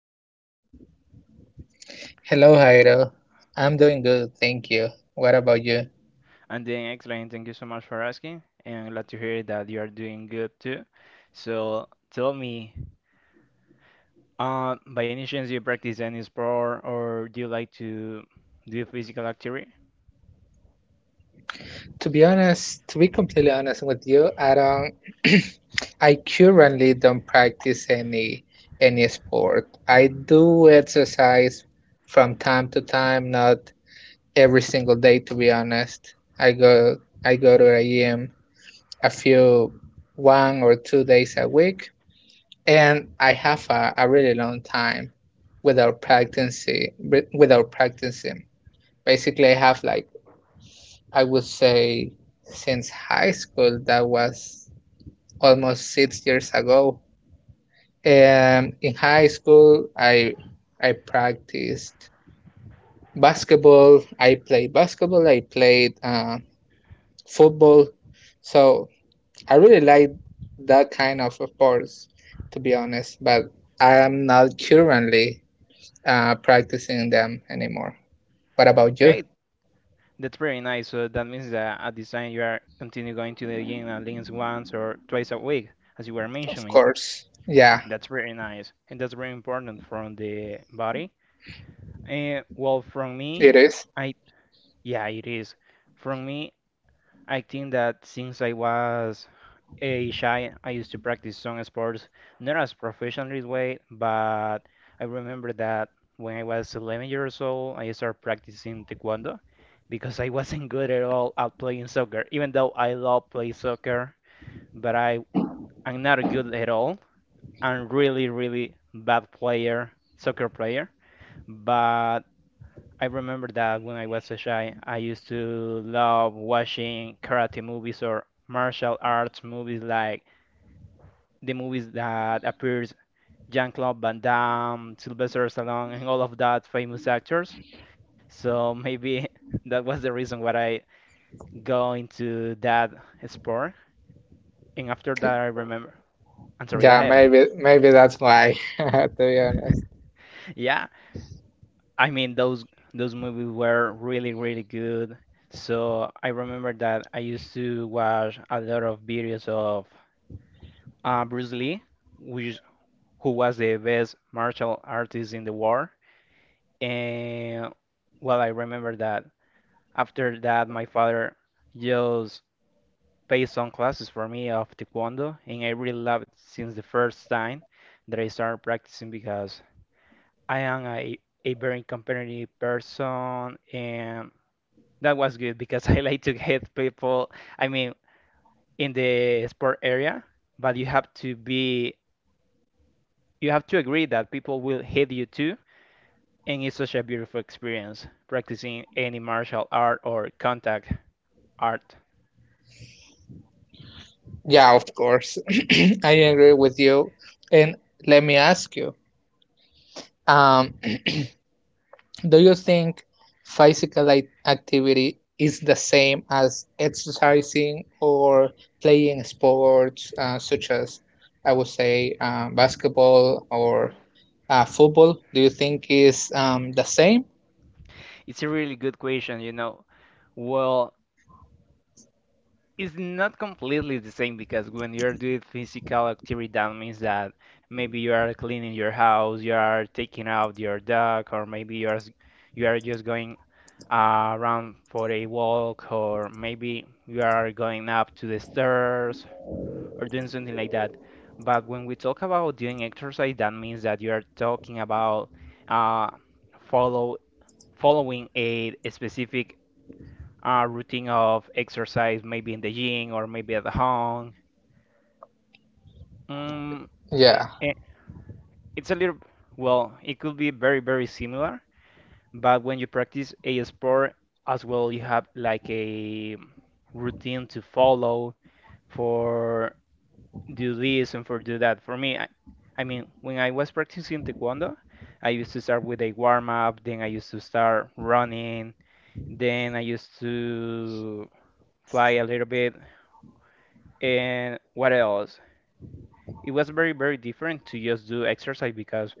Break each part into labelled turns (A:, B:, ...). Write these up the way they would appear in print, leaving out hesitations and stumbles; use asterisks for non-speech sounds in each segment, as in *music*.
A: tonight?
B: Hello, Jairo. I'm doing good, thank you. What about you?
A: I'm doing excellent. Thank you so much for asking, and glad to hear that you are doing good too. So tell me, by any chance do you practice any sport or do you like to do physical activity?
B: To be honest, to be completely honest with you, I don't *clears throat* I currently don't practice any sport. I do exercise from time to time, not every single day to be honest. I go to a gym a few 1 or 2 days a week, and I have a really long time without practicing without practicing. Basically, I have like, I would say, since high school, that was almost 6 years ago. In high school, I practiced basketball. I played basketball. I played football. So I really like that kind of sports, to be honest. But I am not currently practicing them anymore. What about you?
A: Hey, that's very nice. So that means that at this time you are continue going to the gym at least once or twice a week, as you were
B: Of
A: mentioning.
B: course. Yeah,
A: That's very nice, and that's very important from the body. And well, from
B: it
A: me,
B: is.
A: I yeah, it is. From me, I think that since I was a child, I used to practice some sports, not as professionally way, but I remember that when I was 11 years old, I started practicing taekwondo because I wasn't good at all at playing soccer, even though I love playing soccer, but I am not good at all. I'm really, really bad player, soccer player. But I remember that when I was a child, I used to love watching karate movies or martial arts movies like the movies that appears Jean-Claude Van Damme, Sylvester Stallone, and all of that famous actors. So maybe *laughs* that was the reason why I go into that sport. And after that, I remember. I'm sorry, go
B: Yeah,
A: ahead.
B: maybe that's why, *laughs* to be
A: *laughs*
B: honest.
A: Yeah. I mean, those movies were really, really good. So I remember that I used to watch a lot of videos of Bruce Lee, which who was the best martial artist in the world. And well, I remember that after that, my father just paid some classes for me of Taekwondo, and I really loved it since the first time that I started practicing because I am a very competitive person and that was good because *laughs* I like to hit people, I mean, in the sport area, but you have to agree that people will hit you too. And it's such a beautiful experience practicing any martial art or contact art.
B: Yeah, of course. *clears throat* I agree with you. And let me ask you, um, *clears throat* do you think physical activity is the same as exercising or playing sports, such as I would say basketball or football? Do you think is the same?
A: It's a really good question, you know. Well, it's not completely the same because when you're doing physical activity, that means that maybe you are cleaning your house, you are taking out your dog, or maybe you are you are just going around for a walk, or maybe you are going up to the stairs or doing something like that. But when we talk about doing exercise, that means that you are talking about uh, follow following a specific routine of exercise, maybe in the gym or maybe at the home. Mm, i-
B: Yeah.
A: i- it's a little, well, it could be very, very similar, but when you practice a sport as well, you have like a routine to follow for do this and for do that. For me, when I was practicing taekwondo, I used to start with a warm up, then I used to start running, then I used to fly a little bit and what else? It was very, very different to just do exercise because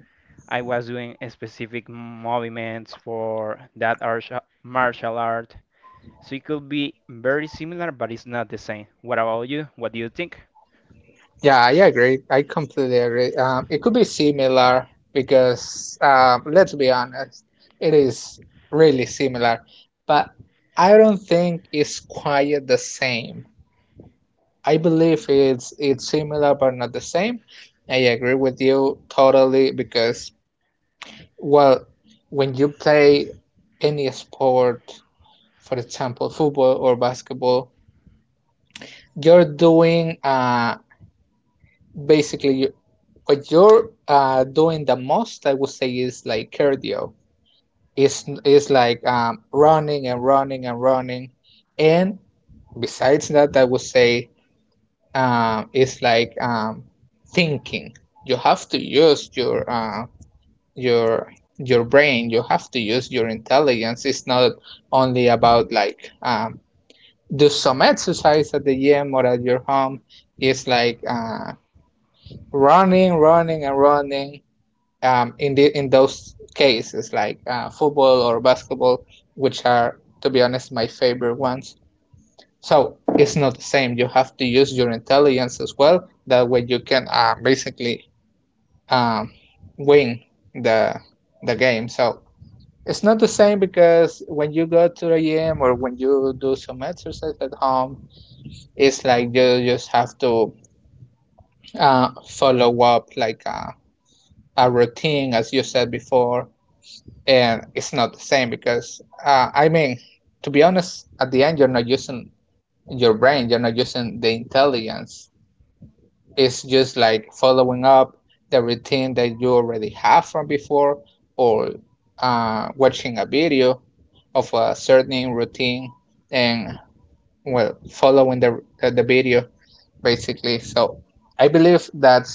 A: I was doing a specific movements for that martial art. So it could be very similar, but it's not the same. What about you? What do you think?
B: Yeah, I agree. I completely agree. It could be similar because, let's be honest, it is really similar, but I don't think it's quite the same. I believe it's similar but not the same. I agree with you totally because, well, when you play any sport, for example, football or basketball, you're doing basically what you're doing the most, I would say, is like cardio. It's like running and running and running. And besides that, I would say it's like thinking. You have to use your your brain. You have to use your intelligence. It's not only about like do some exercise at the gym or at your home. It's like running, running, and running in those cases like football or basketball, which are to be honest my favorite ones. So it's not the same. You have to use your intelligence as well. That way you can basically um, win the the game. So it's not the same because when you go to the gym or when you do some exercise at home, it's like you just have to follow up like a routine, as you said before and it's not the same because I mean, to be honest, at the end you're not using your brain, you're not using the intelligence. It's just like following up the routine that you already have from before, or watching a video of a certain routine and well following the video basically. So I believe that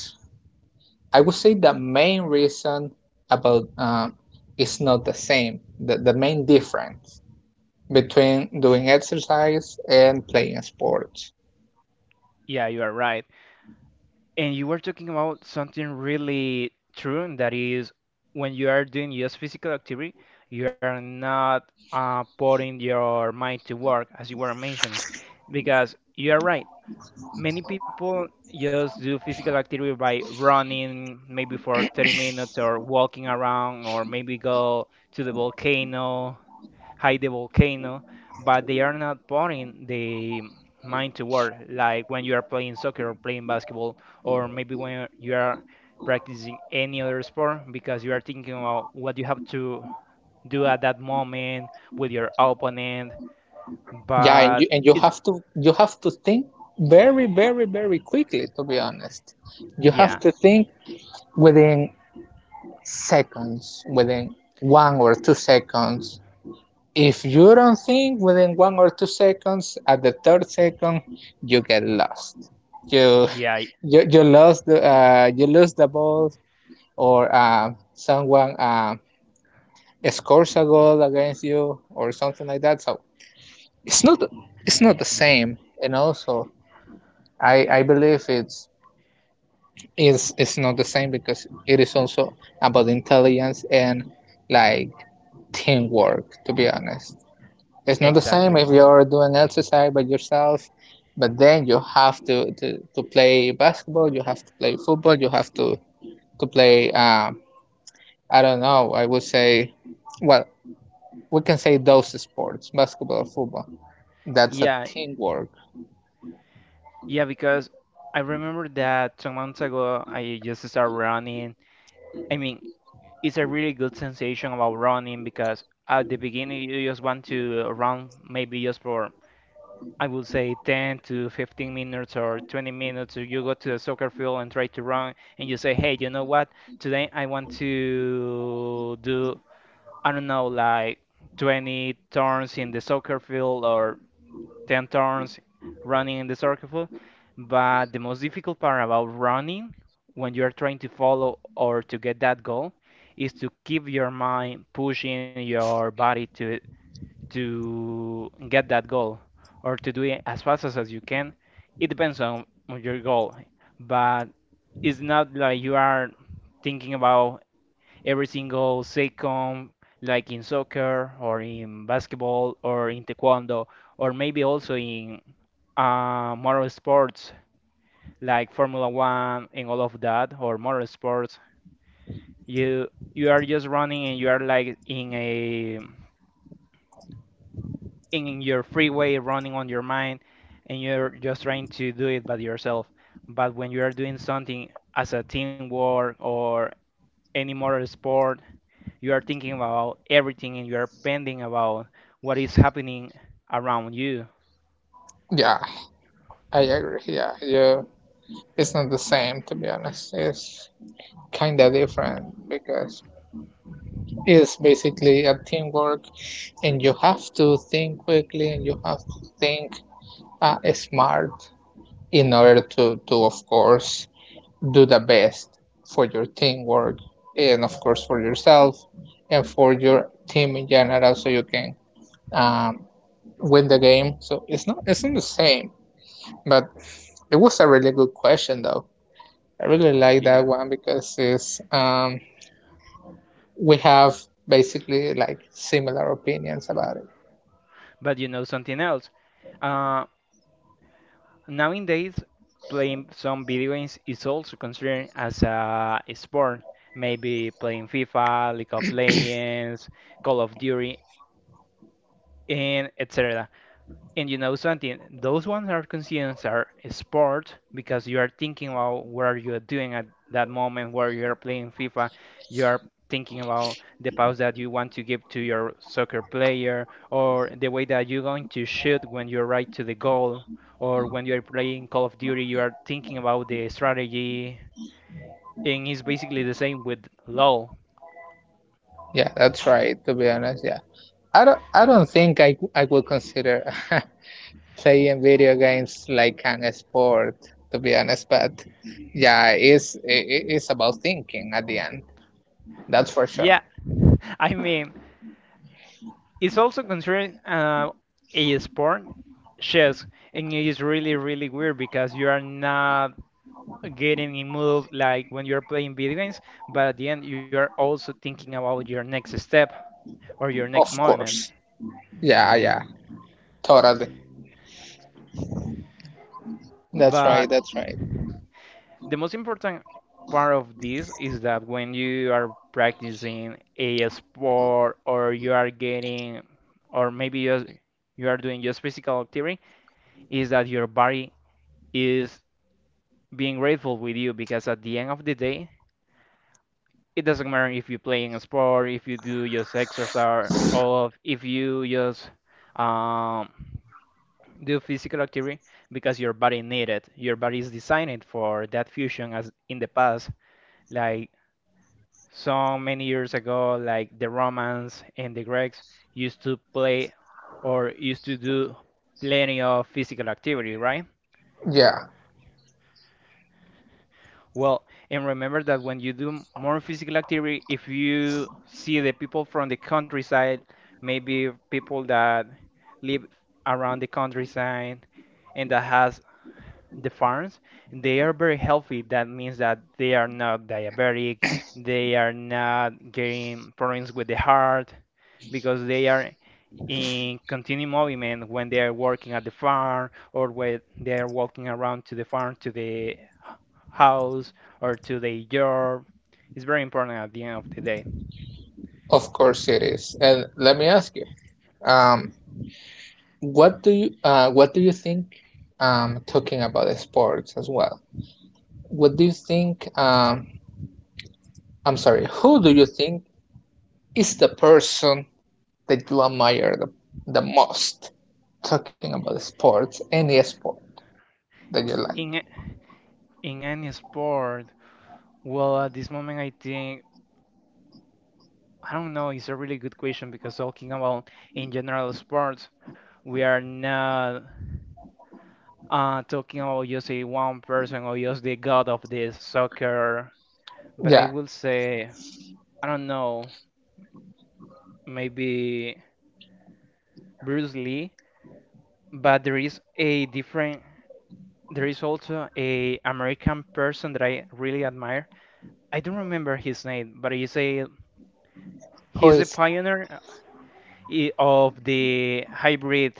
B: I would say the main reason about is not the same. The main difference between doing exercise and playing sports.
A: Yeah, you are right. And you were talking about something really true, and that is when you are doing just physical activity, you are not putting your mind to work, as you were mentioning, because you are right. Many people just do physical activity by running maybe for 30 minutes or walking around or maybe go to the volcano, hike the volcano, but they are not putting the mind to work like when you are playing soccer or playing basketball or maybe when you are practicing any other sport because you are thinking about what you have to do at that moment with your opponent,
B: Yeah,
A: but
B: and
A: it's
B: you have to think very very very quickly. To be honest, you have
A: yeah,
B: to think within seconds, within 1 or 2 seconds. If you don't think within 1 or 2 seconds, at the third second, you get lost. You
A: yeah,
B: you lose the ball, or someone scores a goal against you, or something like that. So it's not it's not the same. And also, I believe it's not the same because it is also about intelligence and like teamwork. To be honest. It's not the same
A: exactly.
B: if you're doing exercise by yourself, but then you have to play basketball, you have to play football, you have to play, I don't know, I would say, well, we can say those sports, basketball, football. That's a
A: Yeah,
B: teamwork.
A: Yeah, because I remember that 2 months ago I just started running. I mean, it's a really good sensation about running because at the beginning you just want to run maybe just for I would say 10 to 15 minutes or 20 minutes. Or you go to the soccer field and try to run and you say, "Hey, you know what? Today I want to do I don't know like 20 turns in the soccer field or 10 turns running in the circle." But the most difficult part about running when you're trying to follow or to get that goal is to keep your mind pushing your body to get that goal or to do it as fast as you can. It depends on your goal, but it's not like you are thinking about every single second, like in soccer or in basketball or in taekwondo, or maybe also in motor sports like Formula One and all of that, or motor sports. You you are just running and you are like in a in your freeway running on your mind and you're just trying to do it by yourself. But when you are doing something as a teamwork or any motor sport you are thinking about everything and you are pending about what is happening around you.
B: Yeah, I agree. Yeah, it's not the same, to be honest. It's kind of different because it's basically a teamwork and you have to think quickly and you have to think smart in order to of course, do the best for your teamwork and, of course, for yourself and for your team in general so you can um, win the game. So it's not the same, but it was a really good question, though. I really like that
A: Yeah,
B: one because we have basically like similar opinions about it.
A: but you know something else, uh, nowadays playing some video games is also considered as a sport, maybe playing FIFA, League of Legends, Call of Duty, and etc. And you know something, those ones are considered are sport because you are thinking about what you are doing at that moment where you are playing FIFA. You are thinking about the pass that you want to give to your soccer player, or the way that you're going to shoot when you're right to the goal, or when you're playing Call of Duty, you are thinking about the strategy. And it's basically the same with LOL.
B: Yeah, that's right. To be honest, yeah. I don't think I would consider *laughs* Sí, video games like an sport, to be honest, but yeah, it's about thinking at the end. That's for sure.
A: Yeah, *laughs* I mean, it's also considered a sport, chess, and it is really, really weird because you are not getting in move like when you're playing video games, but at the end you are also thinking about your next step or your next
B: Of
A: movement.
B: course. Yeah, yeah, totally. That's right.
A: But
B: That's right.
A: the most important part of this is that when you are practicing a sport or you are getting, or maybe you are doing just physical activity, is that your body is being grateful with you because at the end of the day, it doesn't matter if you're playing a sport, if you do just exercise, or if you just um, do physical activity, because your body needs it. Your body is designed for that fusion, as in the past, like so many years ago, like the Romans and the Greeks used to play or used to do plenty of physical activity, right?
B: Yeah,
A: Well, and remember that when you do more physical activity, if you see the people from the countryside, maybe people that live around the countryside and that has the farms, they are very healthy. That means that they are not diabetic, they are not getting problems with the heart because they are in continued movement when they are working at the farm or when they are walking around to the farm to the house or to their job. It's very important at the end of the day.
B: of course it is. And let me ask you, um, what do you think? Talking about sports as well. What do you think? I'm sorry. Who do you think is the person that you admire the most talking about sports, any sport that you like?
A: In in any sport, well, at this moment, I think I don't know. It's a really good question because talking about in general sports, we are not talking about just a one person or just the god of this soccer. But
B: Yeah.
A: I will say I don't know, maybe Bruce Lee. But there is a different. There is also a American person that I really admire. I don't remember his name, but
B: Who
A: he's the
B: is
A: pioneer of the hybrid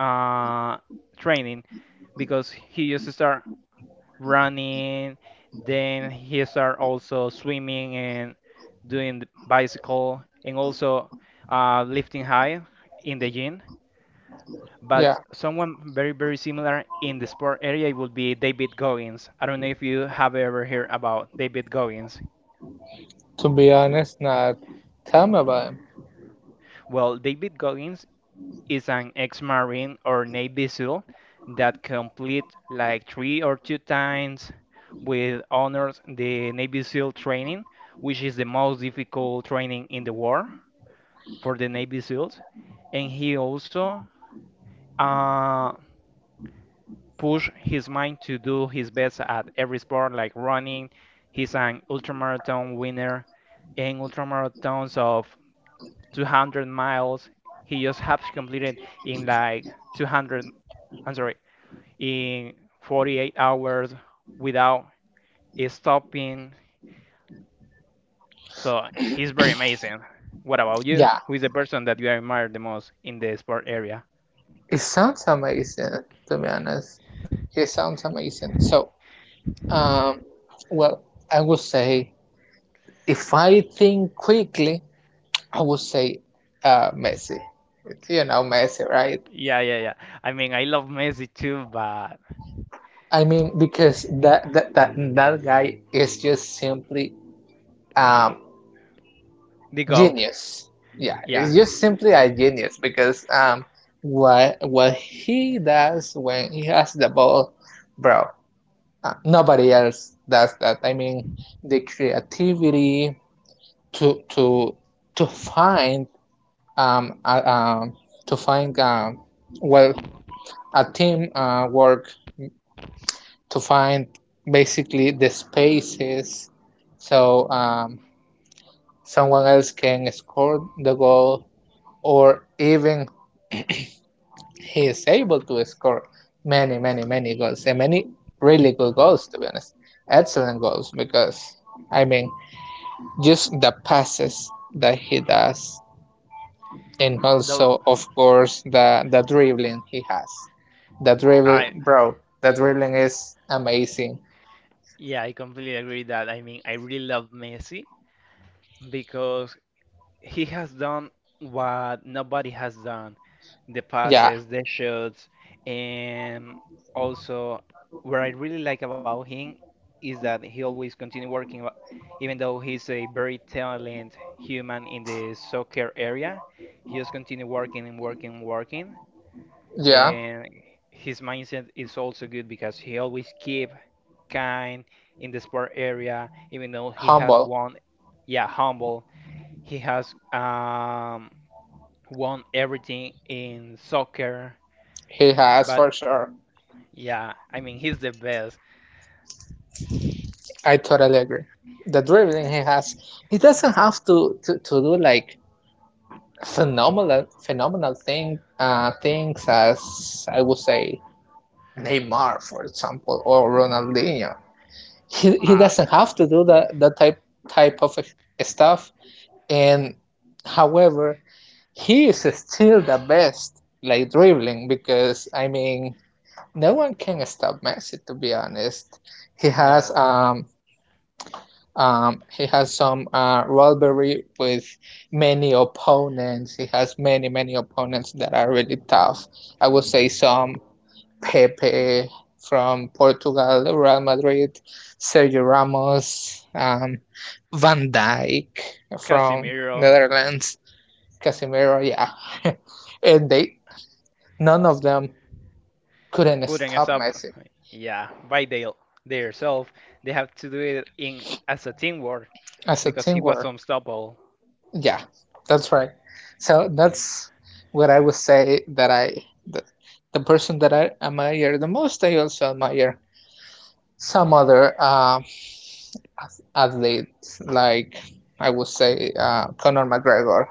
A: uh, training because he used to start running, then he start also swimming and doing the bicycle and also lifting high in the gym.
B: he? Yeah.
A: But someone very similar in the sport area would be David Goggins. I don't know if you have ever heard about David Goggins.
B: To be honest, not tell me about him.
A: Well, David Goggins is an ex-marine or Navy SEAL that complete like three or two times with honors the Navy SEAL training, which is the most difficult training in the war for the Navy SEALs. And he also uh, push his mind to do his best at every sport, like running. He's an ultramarathon winner and ultramarathons of 200 miles. He just has completed in like 200, I'm sorry, in 48 hours without stopping. So he's very amazing. What about you?
B: Yeah.
A: Who is the person that you admire the most in the sport area?
B: It sounds amazing, to be honest. It sounds amazing. So, um, well, I would say if I think quickly, I would say Messi. You know, Messi, right?
A: Yeah, yeah, yeah. I mean, I love Messi too, but
B: I mean, because that guy is just simply um,
A: the GOAT.
B: genius. Yeah, it's
A: Yeah.
B: just simply a genius because what he does when he has the ball, bro, nobody else does that. I mean, the creativity to to to find um uh, um to find well a team work to find basically the spaces so someone else can score the goal or even he is able to score many, many, many goals and many really good goals to be honest. Excellent goals because I mean just the passes that he does and
A: Though
B: also of course the dribbling he has. The dribble
A: I
B: bro, the dribbling is amazing.
A: yeah, I completely agree that. I mean, I really love Messi because he has done what nobody has done: the
B: Yeah,
A: passes, the shots. And also, what I really like about him is that he always continue working even though he's a very talented human in the soccer area, he just continue working and working and working.
B: yeah.
A: And his mindset is also good because he always keep kind in the sport area even though he has
B: Humble.
A: won. Yeah, humble. He has won everything in soccer,
B: He has
A: but
B: for sure.
A: yeah, I mean, he's the best.
B: I totally agree. The dribbling he has, he doesn't have to do like phenomenal phenomenal things as I would say Neymar, for example, or Ronaldinho. He
A: Ah,
B: doesn't have to do that type of stuff. And however, he is still the best like dribbling because I mean no one can stop Messi to be honest. He has
A: no,
B: um he has some rivalry with many opponents. He has many, many opponents that are really tough. I would say some Pepe from Portugal, Real Madrid, Sergio Ramos, Van Dijk from
A: Casemiro,
B: Netherlands, Casemiro, yeah. *laughs* And none of them couldn't
A: couldn't as
B: stop
A: up.
B: Messi
A: Yeah, by they themselves, they have to do it in as a teamwork
B: as a
A: because he
B: team.
A: was unstoppable.
B: Yeah, that's right. So that's what I would say the, the person that I admire the most. I also admire some other athletes, like I would say Conor McGregor,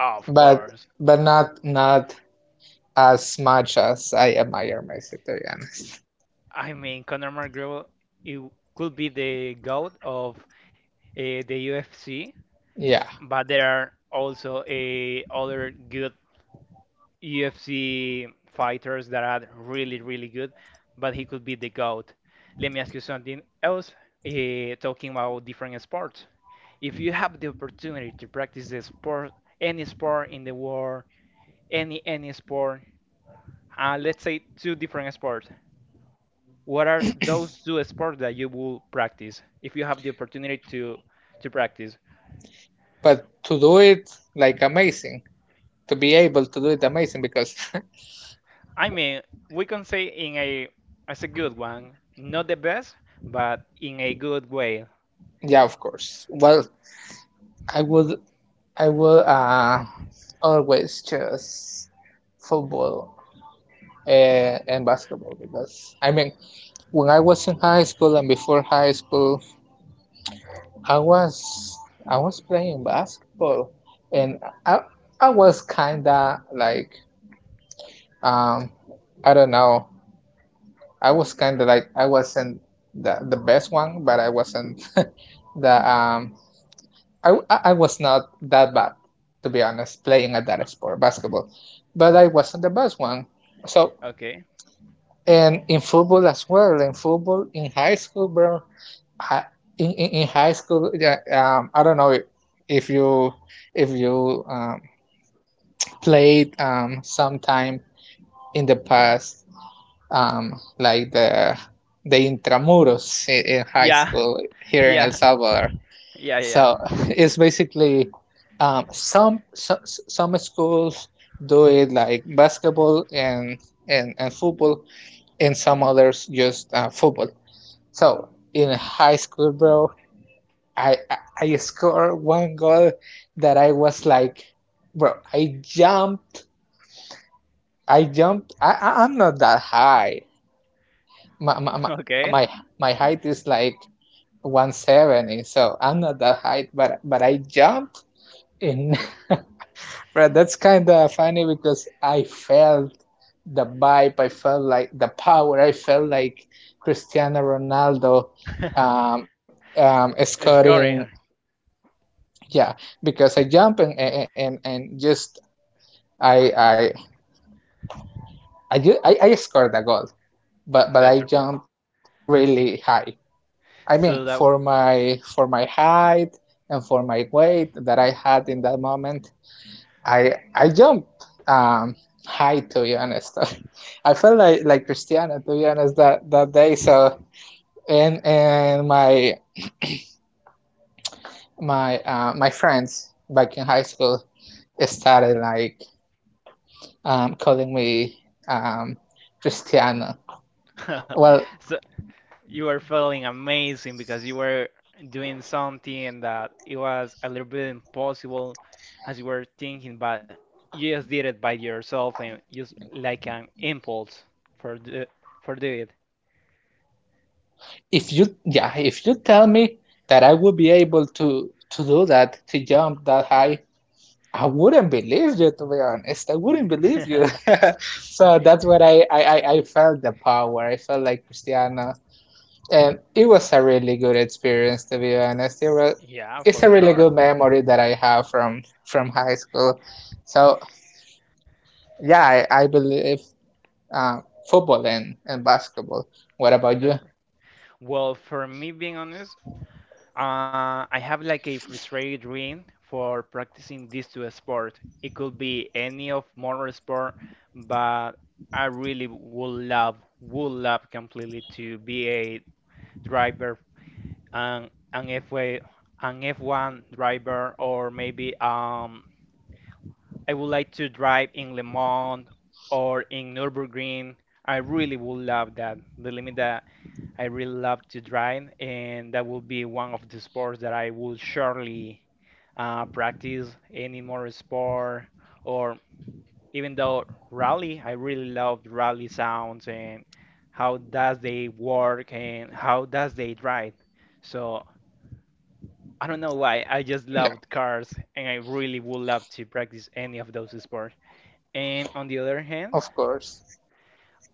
A: Of
B: but
A: course.
B: but not as much as I admire Messi, to be honest.
A: I mean, Conor McGregor, it could be the goat of the UFC,
B: Yeah,
A: but there are also other good UFC fighters that are really, really good, but he could be the GOAT. Let me ask you something else, talking about different sports. If you have the opportunity to practice the sport, any sport in the world, any sport, let's say two different sports, what are those two sports that you will practice if you have the opportunity to practice?
B: but to do it like amazing, to be able to do it amazing because
A: I mean, we can say in a, as a good one, not the best, but in a good way.
B: *laughs* yeah, of course. Well, I would I will always choose football and basketball because I mean when I was in high school and before high school I was I was playing basketball and I I was kinda like um I don't know I was kinda like I wasn't the best one but I wasn't the I was not that bad, to be honest, playing at that sport, basketball. But I wasn't the best one. So,
A: Okay.
B: and in football as well, in football, in high school, bro, I, in high school, yeah, I don't know if you if you played sometime in the past, like the intramuros in high
A: Yeah.
B: school
A: *laughs*
B: here in El
A: Yeah.
B: Salvador.
A: Yeah. Yeah.
B: So *laughs* it's basically some schools do it like basketball and football, and some others just football. So in high school, bro, I scored one goal that I was like, bro, I jumped, I jumped. I'm not that high. My my my
A: *laughs* Okay.
B: my my height is like 170, so I'm not that high, but I jumped and *laughs* Right, that's kind of funny because I felt the vibe, I felt like the power, I felt like Cristiano Ronaldo
A: *laughs*
B: um, scoring.
A: Scoring.
B: Yeah, because I jump and just I I I, ju- I scored a goal, but I
A: That's r-
B: jumped really high. I mean,
A: so that,
B: for my height and for my weight that I had in that moment, I jumped high to be honest. *laughs* I felt like Cristiano to be honest that day. So and my my friends back in high school started like calling me um Cristiano. Well,
A: *laughs* so you were feeling amazing because you were doing something that it was a little bit impossible as you were thinking, but you just did it by yourself and just like an impulse for the for do it.
B: if you yeah, if you tell me that I would be able to do that to jump that high, I wouldn't believe you to be honest. I wouldn't believe you.
A: *laughs*
B: *laughs* So that's what I felt the power. I felt like Cristiano. And it was a really good experience to be honest. It was,
A: Yeah,
B: it's a
A: for
B: really
A: sure.
B: good memory that I have from high school. So yeah, I believe uh, football and basketball. What about you?
A: That's r- well, for me being honest, I have like a frustrated dream for practicing these two sport. It could be any of motor sport, but I really would love completely to be a driver, an F1, an F1 driver, or maybe I would like to drive in Le Mans or in Nürburgring. I really would love that. The limit that I really love to drive, and that will be one of the sports that I will surely practice. Any more sport, or even though rally, I really love rally sounds and how does they work and how does they drive. So I don't know why I
B: Yeah,
A: just loved cars, and I really would love to practice any of those sports. And on the other hand,
B: of course.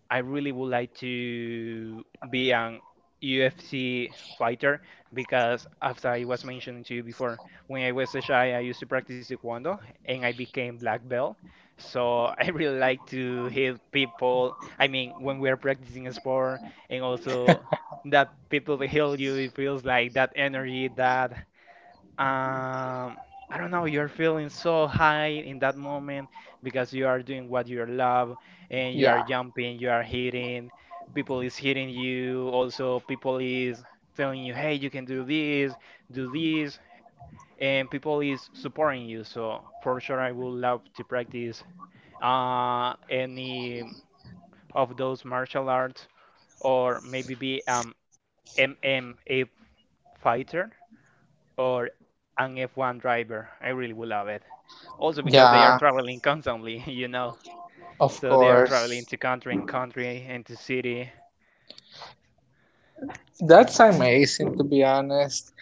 A: I really would like to be an UFC fighter because, as I was mentioning to you before, when I was a shy, I used to practice taekwondo and I became black belt. So, *laughs* I really like to hit people. I mean, when we are practicing a sport and also that people *laughs* will heal you, it feels like that energy, that, um I don't know, you're feeling so high in that moment because you are doing what you love and you are
B: Yeah.
A: jumping, you are hitting people, is hitting you, also people is telling you, hey, you can do this, do this, and people is supporting you. So for sure, I would love to practice any of those martial arts, or maybe be mma fighter or an F1 driver. I really would love it. Also because they are
B: Yeah,
A: traveling constantly, *laughs* you know.
B: of
A: So they are traveling
B: course.
A: to country in country and to city.
B: That's amazing to be honest.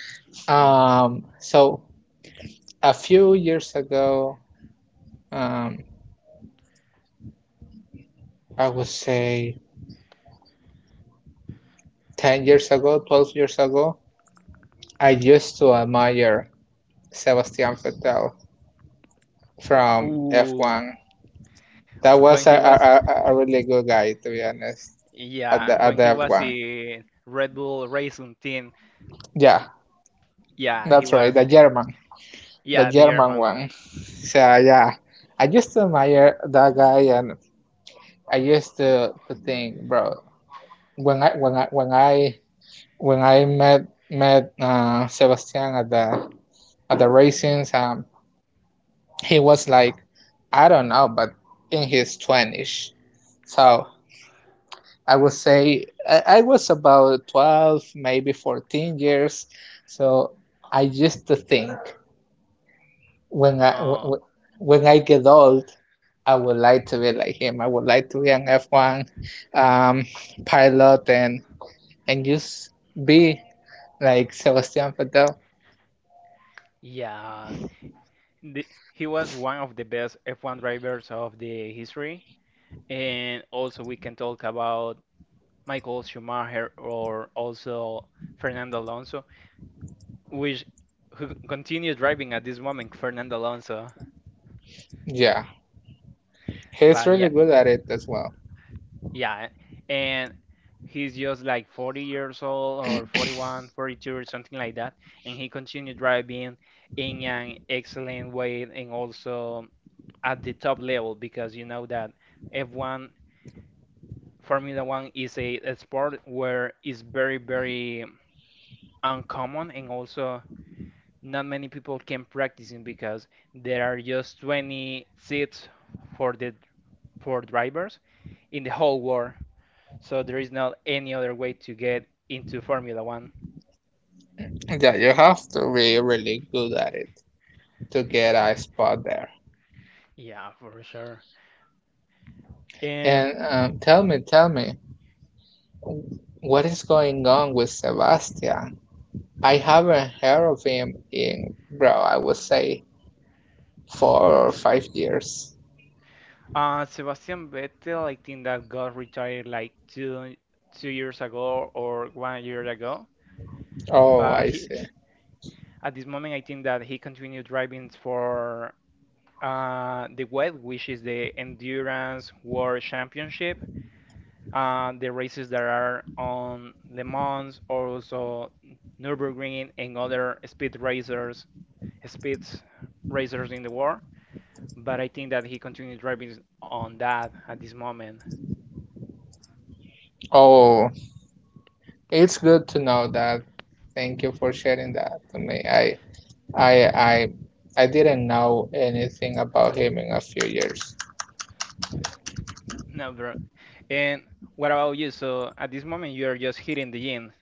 B: So a few years ago, um, I would say 10 years ago, 12 years ago, I used to admire Sebastian Vettel from
A: Ooh,
B: F1. That
A: when
B: was a,
A: he was,
B: a, a really good guy, to be honest, at
A: yeah,
B: the,
A: when
B: at the
A: he was
B: F1.
A: in Red Bull Racing team,
B: Yeah,
A: yeah, he
B: that's right,
A: was,
B: the
A: yeah, the
B: German
A: German one.
B: one. *laughs* So, yeah, I used to admire that guy and I used to think, bro, when I, when I, when I, when I met Sebastian at the racings. He was like, I don't know, but in his 20s. So I would say I was about 12, maybe 14 years. So I used to think when I, when,
A: Oh,
B: when I get old, I would like to be like him. I would like to be an F1 um, pilot and just be like Sebastian Vettel.
A: yeah. He was one of the best F1 drivers of the history. And also we can talk about Michael Schumacher or also Fernando Alonso, which who continued driving at this moment, Fernando Alonso.
B: Yeah, he's
A: But yeah,
B: really good at it as well.
A: yeah, and he's just like 40 years old, or 41, 42, or something like that, and he continued driving in an excellent way and also at the top level because you know that F1 Formula One is a sport where it's very very uncommon and also not many people can practice it because there are just 20 seats for the for drivers in the whole world. So there is not any other way to get into Formula One.
B: Yeah, you have to be really good at it to get a spot there.
A: Yeah, for sure. Um,
B: And tell me, what is going on with Sebastian? I haven't heard of him in, bro, I would say 4 or 5 years.
A: Sebastian Vettel, I think that got retired like two years ago or one year ago.
B: Oh,
A: But
B: I
A: he,
B: see.
A: at this moment, I think that he continued driving for the WET, which is the Endurance World Championship. The races that are on Le Mans, also Nürburgring and other speed racers in the world. But I think that he continued driving on that at this moment. *laughs*
B: Oh, it's good to know that. Thank you for sharing that to me. I, I, I didn't know anything about him in a few years.
A: No, bro. And what about you? So at this moment, you are just hitting the gym.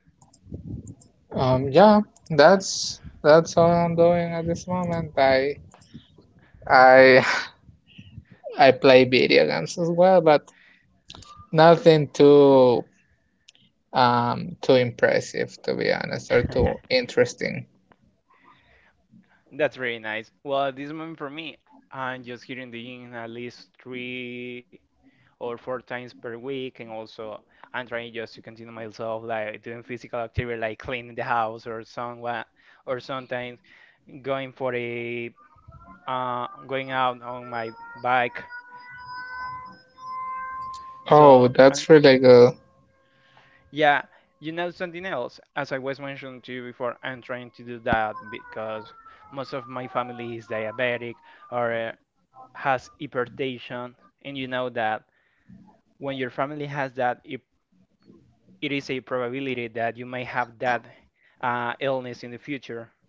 B: Yeah, that's all I'm doing at this moment. I *laughs* I play video games as well, but nothing too impressive to be honest or too
A: *laughs*
B: interesting.
A: That's really nice. Well, at this moment for me, I'm just hitting the gym at least 3 or 4 times per week, and also I'm trying just to continue myself like doing physical activity, like cleaning the house or somewhat, or sometimes going for a going out on my bike.
B: Oh,
A: So, and
B: that's really good.
A: yeah, you know something else, as I was mentioning to you before, I'm trying to do that because most of my family is diabetic or has hypertension. And you know that when your family has that, it is a probability that you may have that illness in the future.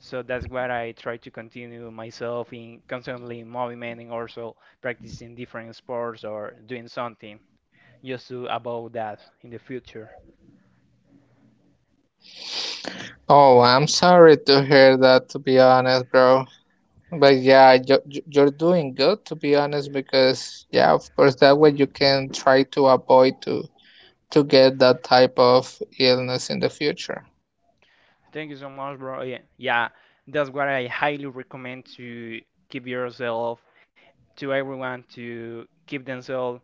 A: So that's what I try to continue myself in constantly movement and also practicing different sports or doing something just to avoid that in the future.
B: Oh, I'm sorry to hear that to be honest, bro. But yeah, you're doing good to be honest because yeah, of course that way you can try to avoid to get that type of illness in the future.
A: Thank you so much, bro. Yeah, yeah, that's what I highly recommend, to keep yourself, to everyone, to keep themselves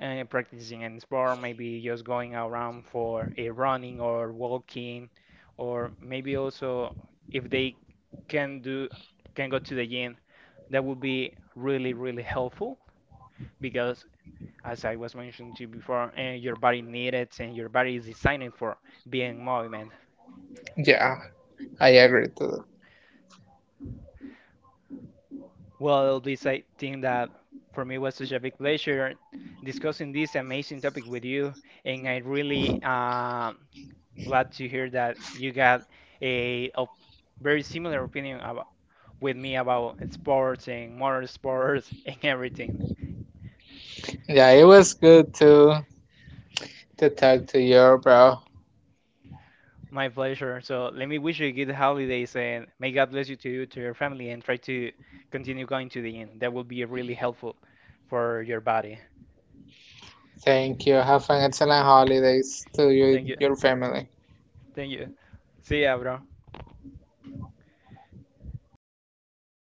A: practicing in sport, maybe just going around for a running or walking, or maybe also if they can do can go to the gym, that would be really really helpful because as I was mentioning to you before, your body needs it and your body is designed for being in movement.
B: Yeah. I agree too.
A: Well, this I think that for me was such a big pleasure discussing this amazing topic with you, and I really glad to hear that you got a, very similar opinion about, with me about sports and motorsports *laughs* and everything.
B: Yeah, it was good to talk to you, bro.
A: My pleasure. So let me wish you good holidays and may God bless you, to you, to your family, and try to continue going to the end. That will be really helpful for your body.
B: Thank you. Have an excellent holidays to
A: Thank
B: you,
A: you.
B: your family.
A: Thank you. See ya, bro.